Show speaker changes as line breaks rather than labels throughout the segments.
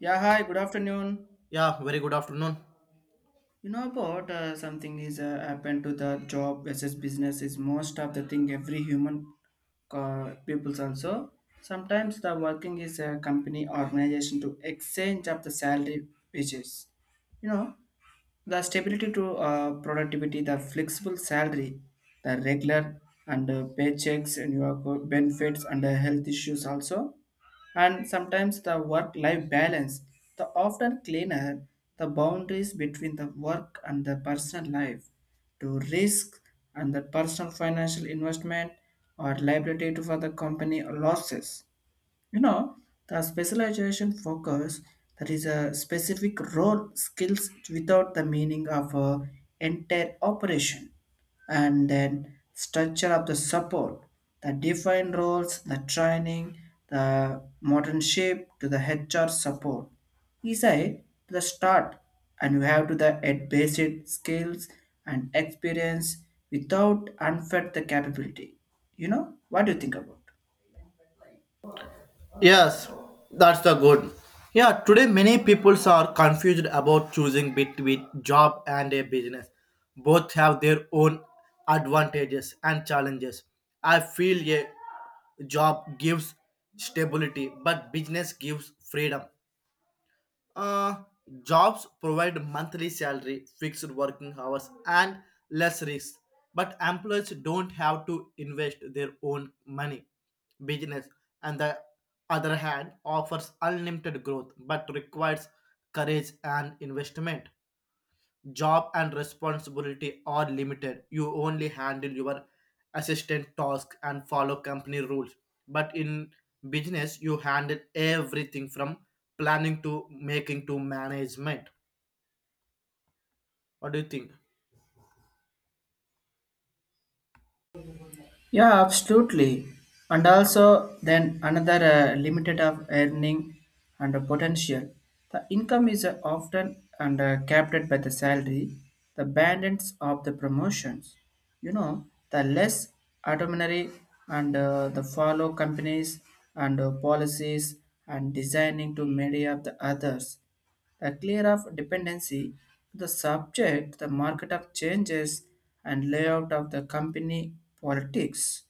Yeah, hi, good afternoon.
Yeah, very good afternoon.
You know about something is happened to the job versus business is most of the thing every human peoples also. Sometimes the working is a company organization to exchange of the salary wages. You know, the stability to productivity, the flexible salary, the regular and paychecks and your co- benefits and health issues also, and sometimes the work-life balance, the often cleaner the boundaries between the work and the personal life, to risk and the personal financial investment or liability to for the company losses, you know, the specialization focus that is a specific role skills without the meaning of a entire operation and then structure of the support, the defined roles, the training, the modern shape to the HR support. Is I to the start and you have to the add basic skills and experience without unfed the capability. You know, what do you think about?
Yes, that's the good. Yeah, today many people are confused about choosing between job and a business. Both have their own advantages and challenges. I feel a job gives stability, but business gives freedom. Uh, Jobs provide monthly salary, fixed working hours, and less risk. But employers don't have to invest their own money. Business, on the other hand, offers unlimited growth but requires courage and investment. Job and responsibility are limited. You only handle your assistant task and follow company rules, but in business you handle everything from planning to making to management. What do you think?
Yeah, absolutely. And also, then another limited of earning and potential. The income is often and capped by the salary, the bandits of the promotions. You know, the less autonomy and the follow companies and policies and designing to many of the others a clear of dependency to the subject, the market of changes and layout of the company politics.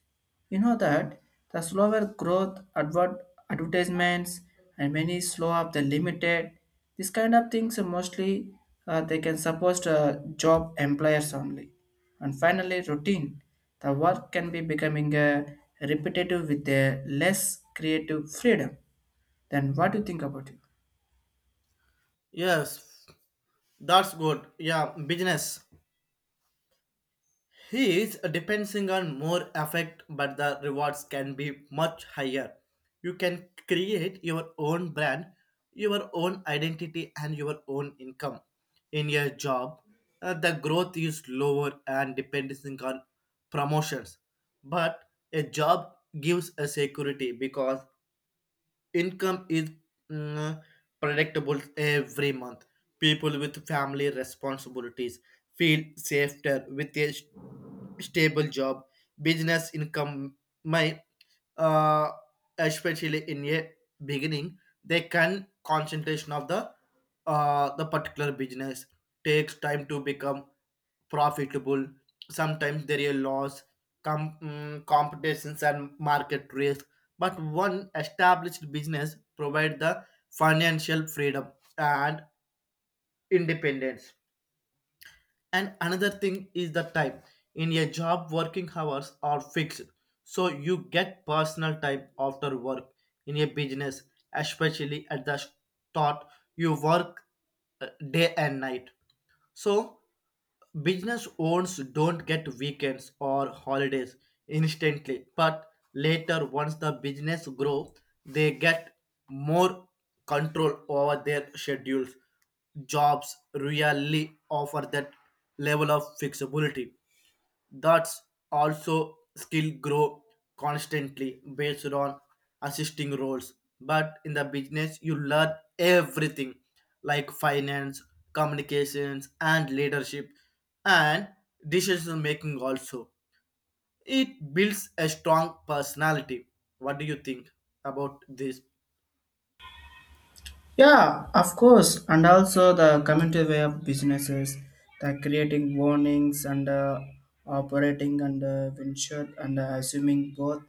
You know that the slower growth, advert, advertisements, and many slow up the limited. These kind of things are mostly they can support job employers only. And finally, routine. The work can be becoming repetitive with a less creative freedom. Then what do you think about it?
Yes, that's good. Yeah, business. He is depending on more effect, but the rewards can be much higher. You can create your own brand, your own identity, and your own income. In your job, the growth is lower and depending on promotions. But a job gives a security because income is mm, predictable every month. People with family responsibilities feel safer with a stable job. Business income may, uh, especially in a beginning, they can concentration of the particular business takes time to become profitable. Sometimes there is a loss, competitions and market risk, but one established business provide the financial freedom and independence. And another thing is the time. In a job working hours are fixed, so you get personal time after work. In a business, especially at the start, you work day and night. So business owners don't get weekends or holidays instantly, but later, once the business grow, they get more control over their schedules. Jobs really offer that level of flexibility. That's also skill grow constantly based on assisting roles, but in the business you learn everything like finance, communications, and leadership, and decision making also. It builds a strong personality. What do you think about this?
Yeah, of course, and also the community way of businesses, the creating warnings and operating and venture and assuming both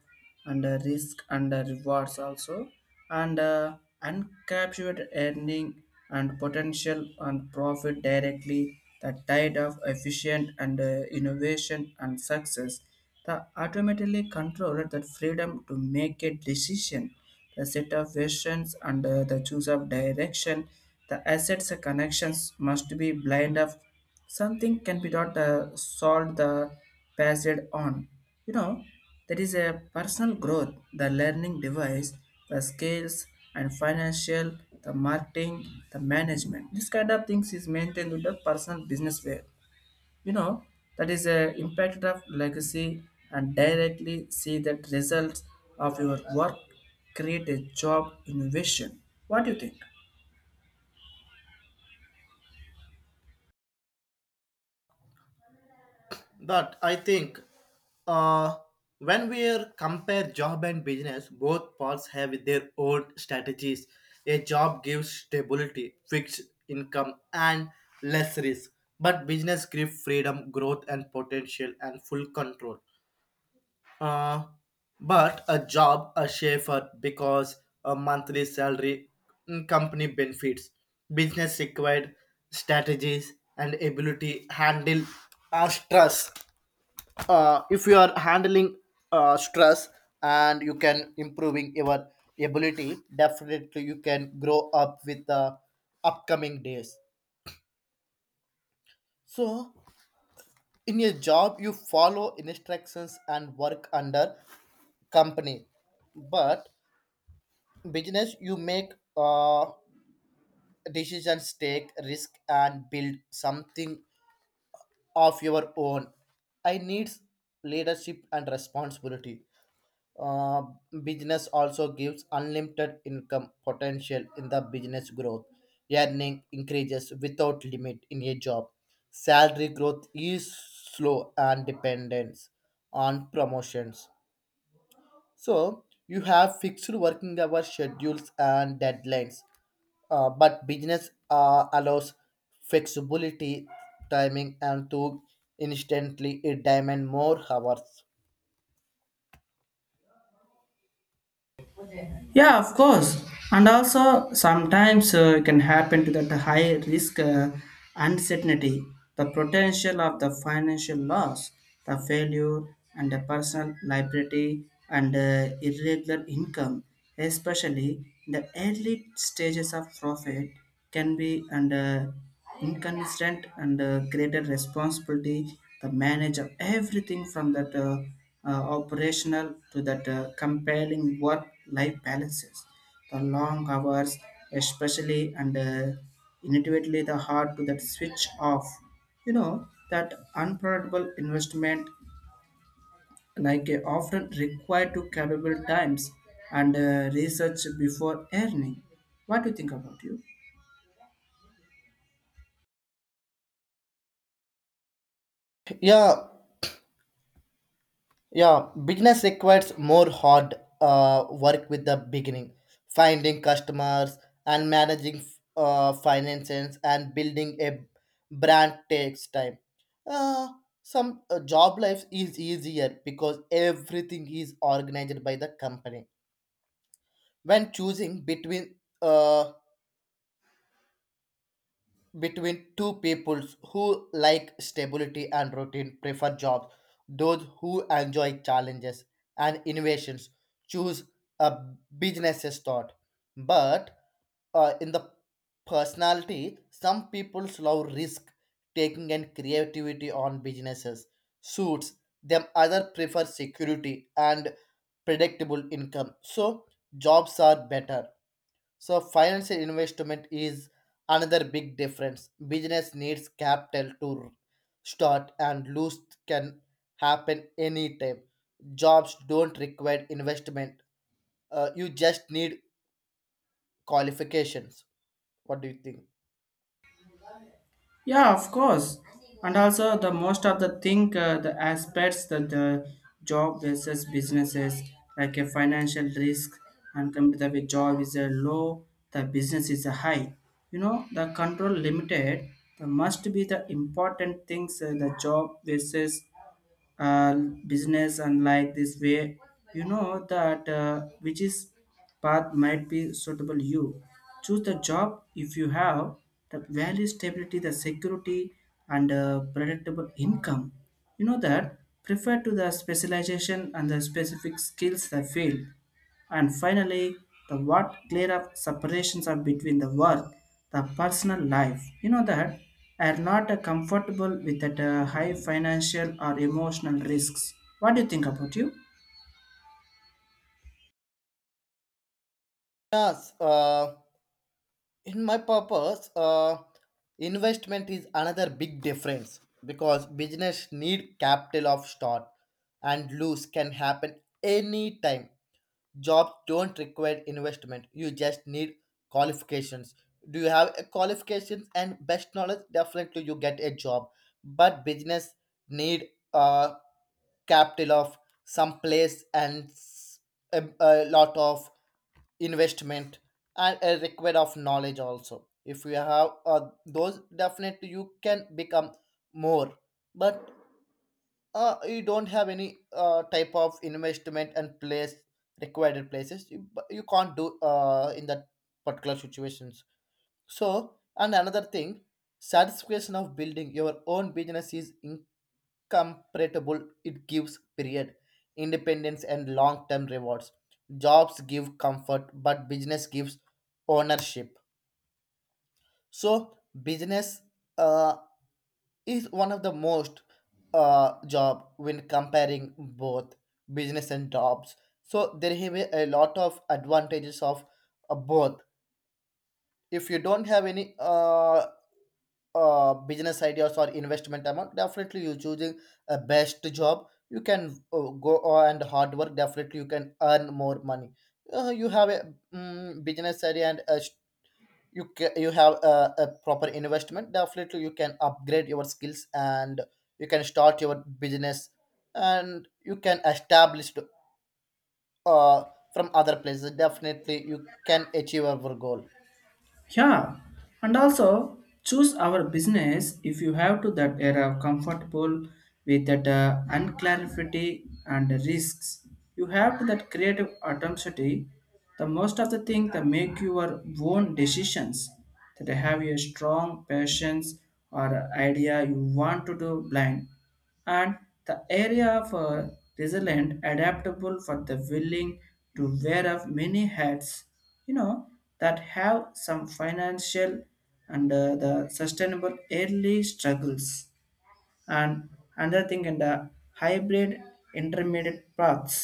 and risk and rewards also, and uncaptured earning and potential and profit directly the tide of efficient and innovation and success, the automatically controlled that freedom to make a decision, the set of questions and the choice of direction, the assets and connections must be blind of something can be not solved the passed on. You know, there is a personal growth, the learning device, the skills and financial, the marketing, the management. This kind of things is maintained with the personal business way, you know, that is a impact of legacy and directly see that results of your work create a job innovation. What do you think?
But I think uh, when we are compare job and business, both parts have their own strategies. A job gives stability, fixed income, and less risk. But business gives freedom, growth, and potential, and full control. Uh, but a job, a chauffeur, because a monthly salary, company benefits. Business required strategies and ability handle our stress. If you are handling stress and you can improving your ability, definitely you can grow up with the upcoming days. So in your job you follow instructions and work under company, but business you make decisions, take risk and build something of your own. I needs leadership and responsibility. Uh, Business also gives unlimited income potential in the business growth. Earning increases without limit in a job. Salary growth is slow and dependent on promotions. So you have fixed working hour schedules and deadlines. But business allows flexibility, timing, and to instantly it demand more hours.
Yeah, of course. And also, sometimes it can happen to that high risk, uncertainty, the potential of the financial loss, the failure, and the personal liability and irregular income, especially in the early stages of profit, can be under inconsistent and greater responsibility, the manager everything from that operational to that compelling work life balances, the long hours especially and inevitably the hard to that switch off, you know, that unprofitable investment like often required to capable times and research before earning. What do you think about you?
Yeah, Yeah, business requires more hard work with the beginning, finding customers and managing finances and building a brand takes time. Uh, some job life is easier because everything is organized by the company. When choosing between uh, between two peoples who like stability and routine prefer jobs. Those who enjoy challenges and innovations choose a business's thought. But in the personality, some people love risk taking and creativity on businesses suits them. Other prefer security and predictable income. So jobs are better. So financial investment is another big difference. Business needs capital to start and lose can happen anytime. Jobs don't require investment. You just need qualifications. What do you think?
Yeah, of course. And also the most of the thing, the aspects that the job versus businesses, like a financial risk and computer with job is a low, the business is a high. You know, the control limited, the must be the important things, the job versus uh, business and like this way, you know, that which is path might be suitable you. Choose the job if you have the value stability, the security and predictable income. You know that prefer to the specialization and the specific skills the field. And finally, the what clear up separations are between the work, the personal life. You know that are not comfortable with that high financial or emotional risks. What do you think about you?
Yes, in my purpose, investment is another big difference because business need capital of start and lose can happen anytime. Jobs don't require investment. You just need qualifications. Do you have a qualifications and best knowledge? Definitely you get a job. But business need uh, capital of some place and a lot of investment and a require of knowledge also. If you have those, definitely you can become more. But you don't have any type of investment and place required places you, but you can't do in that particular situations. So and another thing, satisfaction of building your own business is incomparable. It gives period independence and long-term rewards. Jobs give comfort, but business gives ownership. So business uh is one of the most job when comparing both business and jobs. So there have a lot of advantages of both. If you don't have any business ideas or investment amount, definitely you choosing a best job. You can go and hard work. Definitely you can earn more money. You have a business idea and a you have a proper investment, definitely you can upgrade your skills and you can start your business and you can establish uh, from other places. Definitely you can achieve our goal.
Yeah, and also choose our business if you have to that era comfortable with that unclarity and risks. You have to that creative autonomy. The most of the thing that make your own decisions. That have a strong passions or idea you want to do blind and the area for resilient adaptable for the willing to wear of many hats, you know, that have some financial and the sustainable early struggles and another thing in the hybrid intermediate paths,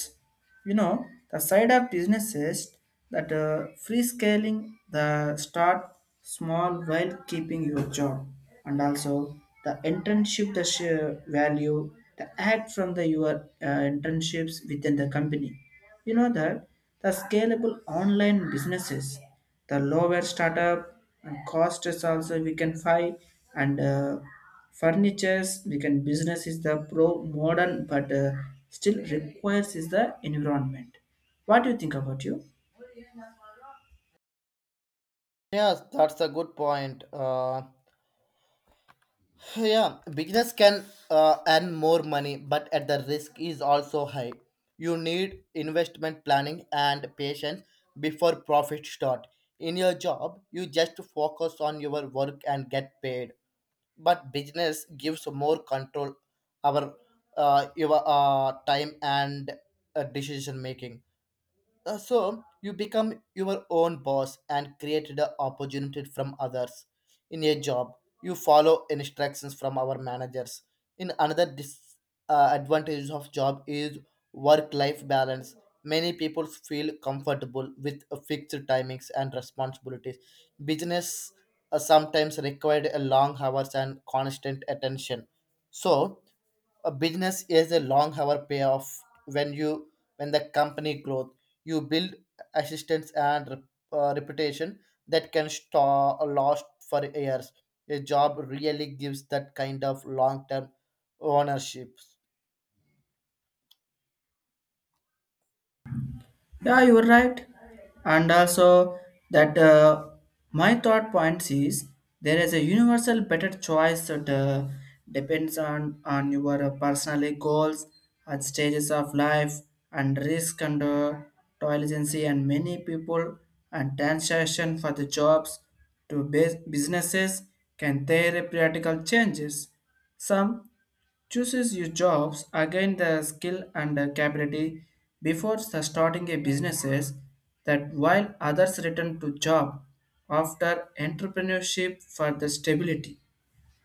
you know, the side of businesses that free scaling the start small while keeping your job and also the internship the share value the act from the your internships within the company, you know that the scalable online businesses, the lower startup and cost is also we can find and Furnitures, we can business is the pro modern, but still requires is the environment. What do you think about you?
Yes, that's a good point. Yeah, business can earn more money, but at the risk is also high. You need investment, planning, and patience before profit start. In your job you just focus on your work and get paid, but business gives more control our your time and decision making. So you become your own boss and create the opportunity from others. In a job, you follow instructions from our managers. In another advantage of job is work-life balance. Many people feel comfortable with a fixed timings and responsibilities. Business sometimes required a long hours and constant attention. So a business is a long hour payoff when you when the company growth you build assistance and reputation that can store a lost for years. A job really gives that kind of long term ownership.
Yeah, you're right. And also, that my thought point is there is a universal better choice that depends on your personal goals and stages of life and risk and tolerance and many people and transaction for the jobs to bus- businesses can their practical changes. Some chooses your jobs again the skill and the capability before the starting a businesses, that while others return to job after entrepreneurship for the stability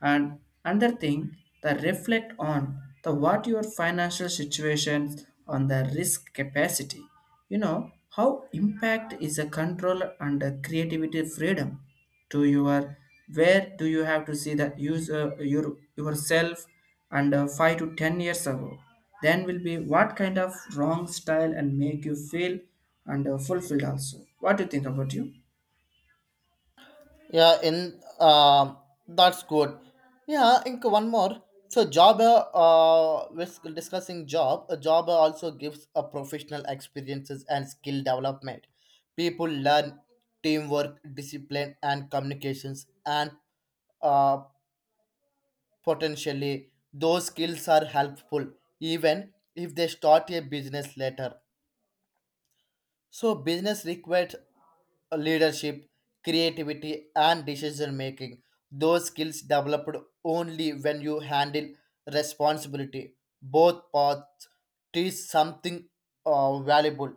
and another thing, the reflect on the what your financial situation on the risk capacity. You know how impact is a control and a creativity freedom to your where do you have to see the use your yourself and 5 to 10 years ago. Then will be what kind of wrong style and make you feel and fulfilled also. What do you think about you?
Yeah, in That's good. Yeah, I think one more. So job, with discussing job, a job also gives a professional experiences and skill development. People learn teamwork, discipline, and communications, and uh, potentially those skills are helpful even if they start a business later. So business requires leadership, creativity, and decision making. Those skills developed only when you handle responsibility. Both paths teach something valuable.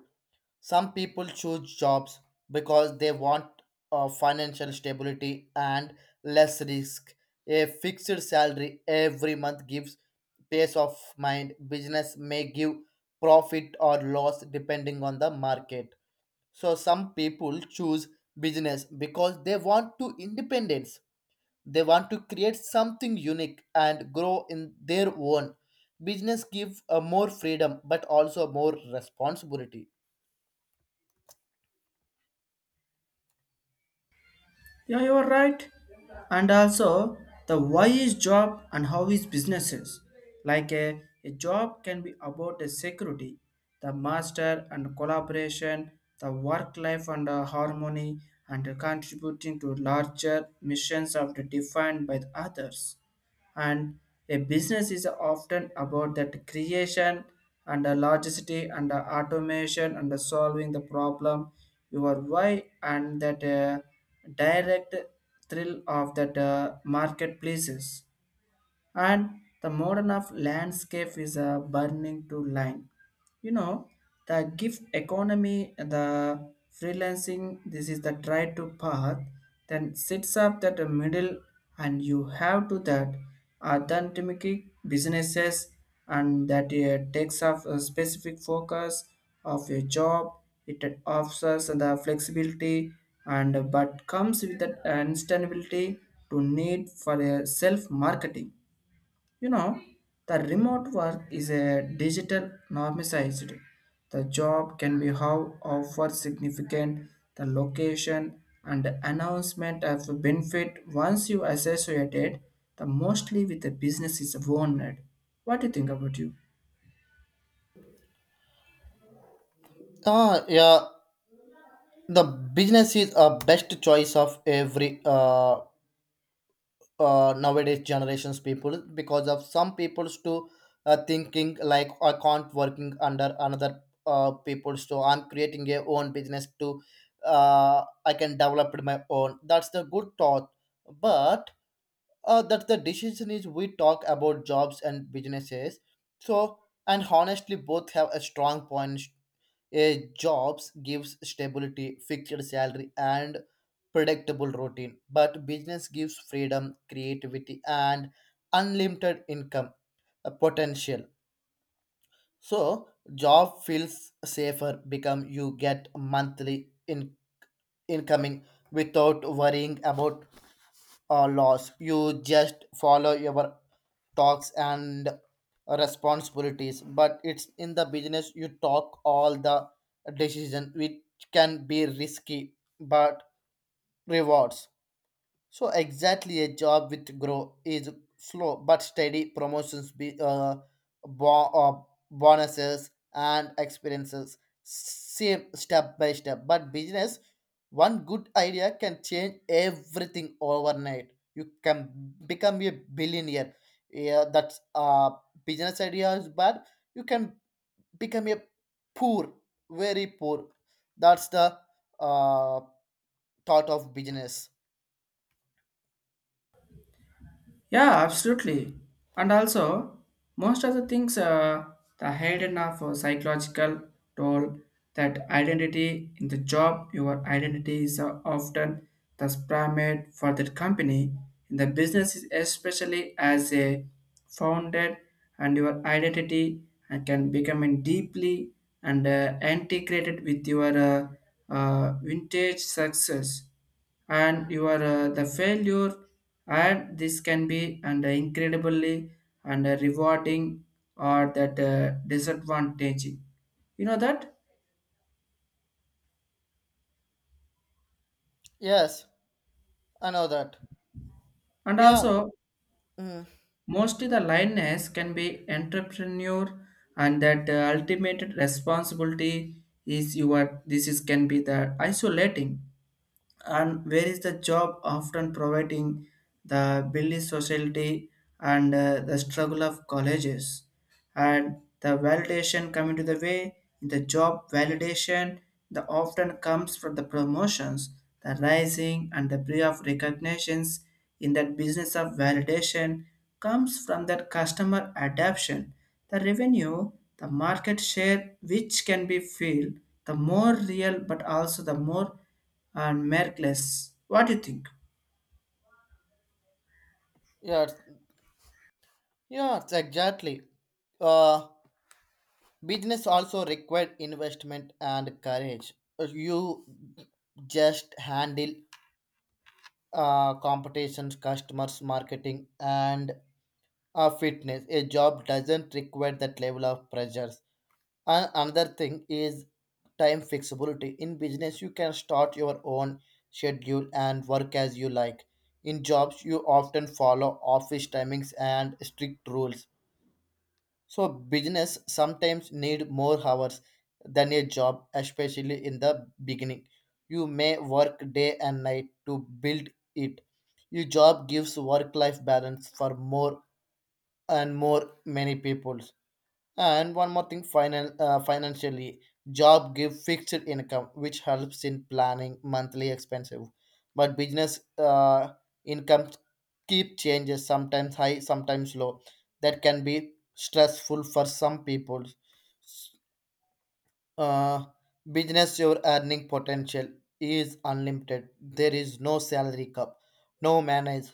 Some people choose jobs because they want financial stability and less risk. A fixed salary every month gives peace of mind. Business may give profit or loss depending on the market. So some people choose business because they want to independence. They want to create something unique and grow in their own. Business give more freedom but also more responsibility.
Yeah, you are right. And also, the why is job and how is businesses. Like a job can be about the security, the master and collaboration, the work life and the harmony, and contributing to larger missions of the defined by the others and a business is often about that creation and the logistic and the automation and the solving the problem your why and that direct thrill of that marketplaces and the modern of landscape is a burning to line, you know, the gift economy, the freelancing, this is the try to path, then sits up that the middle and you have to that authentic businesses and that takes off a specific focus of your job. It offers the flexibility and but comes with that instability to need for a self marketing, you know, the remote work is a digital normalized. The job can be how offer significant the location and the announcement of the benefit once you associate it the mostly with the business is owned. What do you think about you?
Ah, yeah. The business is a best choice of every nowadays generations people because of some people's to thinking like I can't working under another people. So I'm creating a own business to I can develop it my own. That's the good thought. But that the decision is we talk about jobs and businesses. So and honestly both have a strong points. A jobs gives stability, fixed salary, and predictable routine, but business gives freedom, creativity, and unlimited income potential. So job feels safer because you get monthly in incoming without worrying about or laws. You just follow your talks and responsibilities. But it's in the business you talk all the decision, which can be risky, but rewards. So exactly, a job with grow is slow but steady promotions, bo- uh, bonuses and experiences, same step by step. But business, one good idea can change everything overnight. You can become a billionaire. Yeah, that's business idea is bad. You can become a poor, very poor. That's the uh thought of business.
Yeah, absolutely. And also, most of the things, the hidden of psychological toll, that identity in the job, your identity is often the pyramid for that company. In the business, is especially as a founded, and your identity can become in deeply and integrated with your vintage success and your the failure and this can be and incredibly and rewarding or that disadvantaging, you know, that
Yes, I know that.
and
Yeah,
also
mm,
mostly the lioness can be entrepreneur and that ultimate responsibility is your, this is can be the isolating and where is the job often providing the building society and the struggle of colleges and the validation coming to the way in the job validation the often comes from the promotions, the rising and the degree of recognitions in that business of validation comes from that customer adaption, the revenue, the market share which can be feel the more real but also the more and Merkless. What do you think?
yeah, it's- yeah, it's exactly. Uh, Business also required investment and courage. You just handle competitions, customers, marketing, and fitness. A job doesn't require that level of pressures. And another thing is time flexibility. In business, you can start your own schedule and work as you like. In jobs, you often follow office timings and strict rules. So business sometimes need more hours than a job, especially in the beginning. You may work day and night to build it. Your job gives work life balance for more and more many people. And one more thing, financially, job give fixed income, which helps in planning monthly expenses. But business income keep changes, sometimes high, sometimes low. That can be stressful for some people. Uh, Business, your earning potential is unlimited. There is no salary cap, no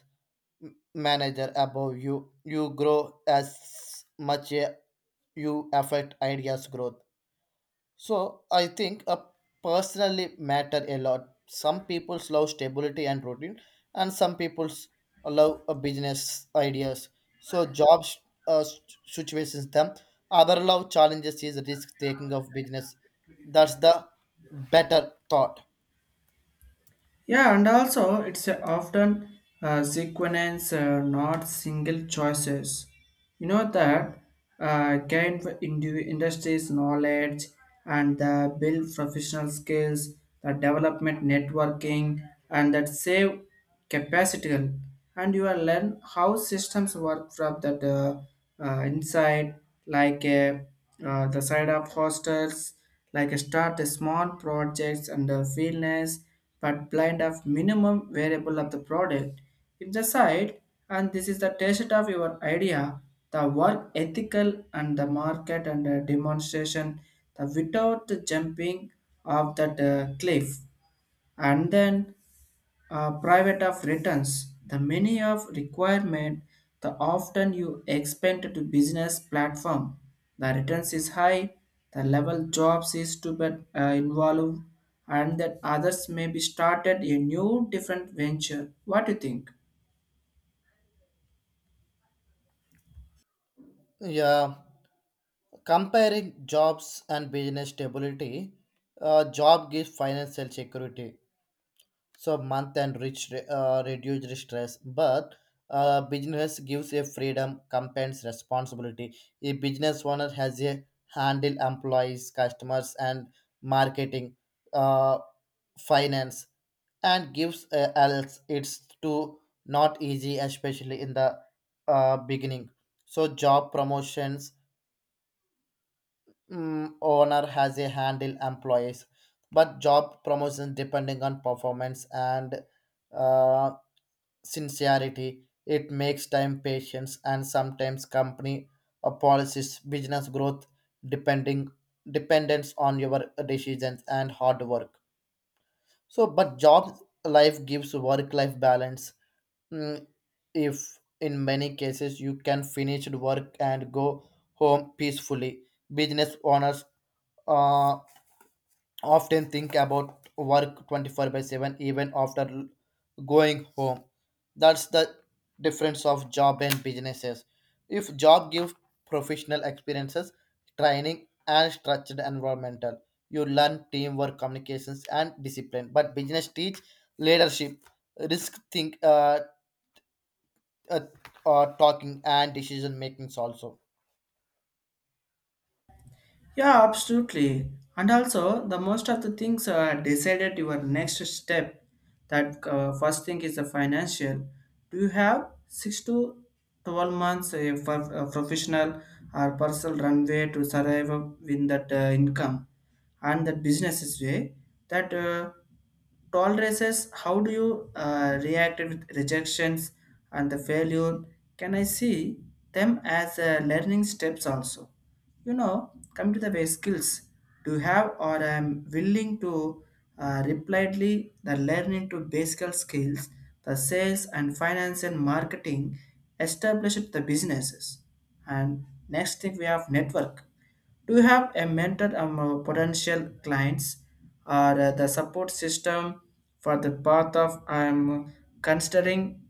manager above you. You grow as much you affect ideas growth. So I think a personally matter a lot. Some people love stability and routine and some people love a business ideas. So jobs uh, situations them. Other love challenges is risk taking of business. That's the better thought.
Yeah, and also it's a often sequence, not single choices. You know that gain for indi- industries knowledge and build professional skills, the development networking, and that save. Capacitical and you will learn how systems work from that inside like the side of hostels like start a small projects and fairness but blind of minimum variable of the product in the side and this is the test of your idea, the work ethical and the market and the demonstration the without the jumping of that cliff and then private of returns. The many of requirement, the often you expand to business platform. The returns is high, the level jobs is to be involved, and that others may be started a new different venture. What do you think?
Yeah, comparing jobs and business stability, job gives financial security, so month and reach reduced stress. But business gives a freedom compensates responsibility. A business owner has a handle employees, customers, and marketing, uh, finance, and gives else it's too not easy, especially in the beginning. So job promotions, owner has a handle employees, but job promotions depending on performance and uh, sincerity. It makes time, patience, and sometimes company or policies, business growth, depending dependence on your decisions and hard work. So, but job life gives work-life balance. Mm, If in many cases you can finish work and go home peacefully, business owners uh, often think about work 24 by 7 even after going home. That's the difference of job and businesses. If job gives professional experiences, training, and structured environmental, you learn teamwork, communications, and discipline, but business teach leadership, risk think, uh, talking and decision makings also.
Yeah, absolutely. And also, the most of the things are decided your next step. That first thing is the financial. Do you have 6 to 12 months for a professional or personal runway to survive in that income and that business way that. Tolerances, how do you react with rejections and the failure, can I see them as learning steps also, you know come to the way skills do you have or I'm willing to repliedly the learning to basic skills, the sales and finance and marketing established the businesses and next thing we have network. Do you have a mentor among potential clients or the support system for the path of I'm considering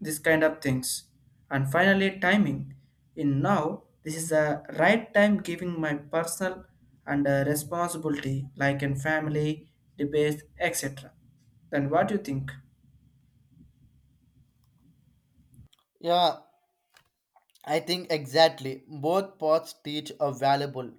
this kind of things? And finally, timing. In now, this is the right time giving my personal and responsibility like in family, debates, etc. Then what do you think?
Yeah, I think exactly both paths teach a valuable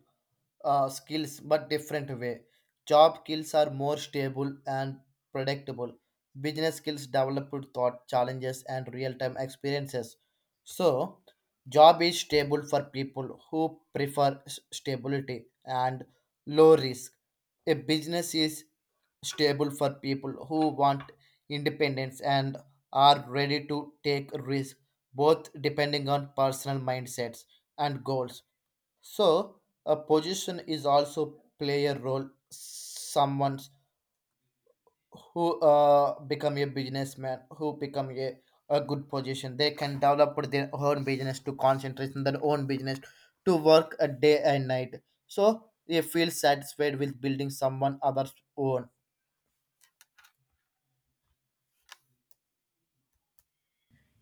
skills but different way. Job skills are more stable and predictable. Business skills develop with thought challenges and real-time experiences. So, job is stable for people who prefer stability and low risk. A business is stable for people who want independence and are ready to take risk. Both depending on personal mindsets and goals. So, a position is also play a role. Someone who become a businessman, who become a good position, they can develop their own business to concentrate on their own business, to work a day and night. So, they feel satisfied with building someone other's own.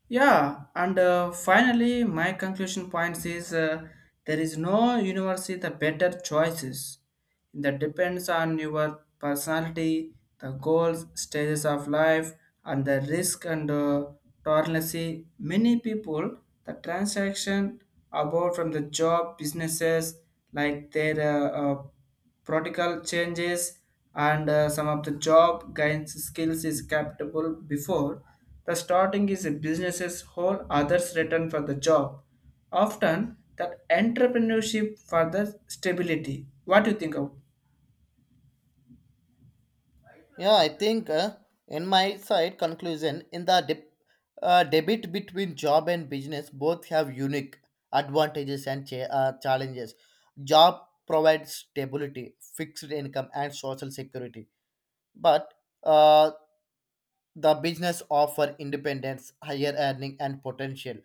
Yeah, and finally, my conclusion points is there is no university the better choices. That depends on your personality, the goals, stages of life, and the risk and tolerance. Many people the transaction about from the job businesses like their protocol changes and some of the job gains skills is capable before the starting is a business's whole others return for the job often that entrepreneurship for the stability. What do you think of?
Yeah, I think in my side conclusion, in the debate between job and business, both have unique advantages and challenges. Job provides stability, fixed income, and social security, but uh, the business offer independence, higher earning and potential,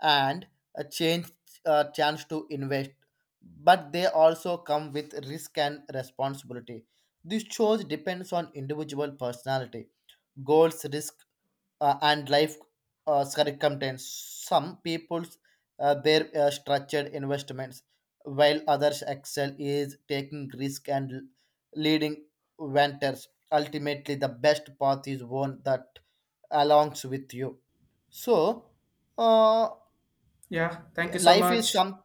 and a change a chance to invest, but they also come with risk and responsibility. This choice depends on individual personality, goals, risk, and life circumstance. Some people's their structured investments, while others excel is taking risk and leading venters. Ultimately, the best path is one that alongs with you. So, uh,
Yeah, thank you so
life is
much.
some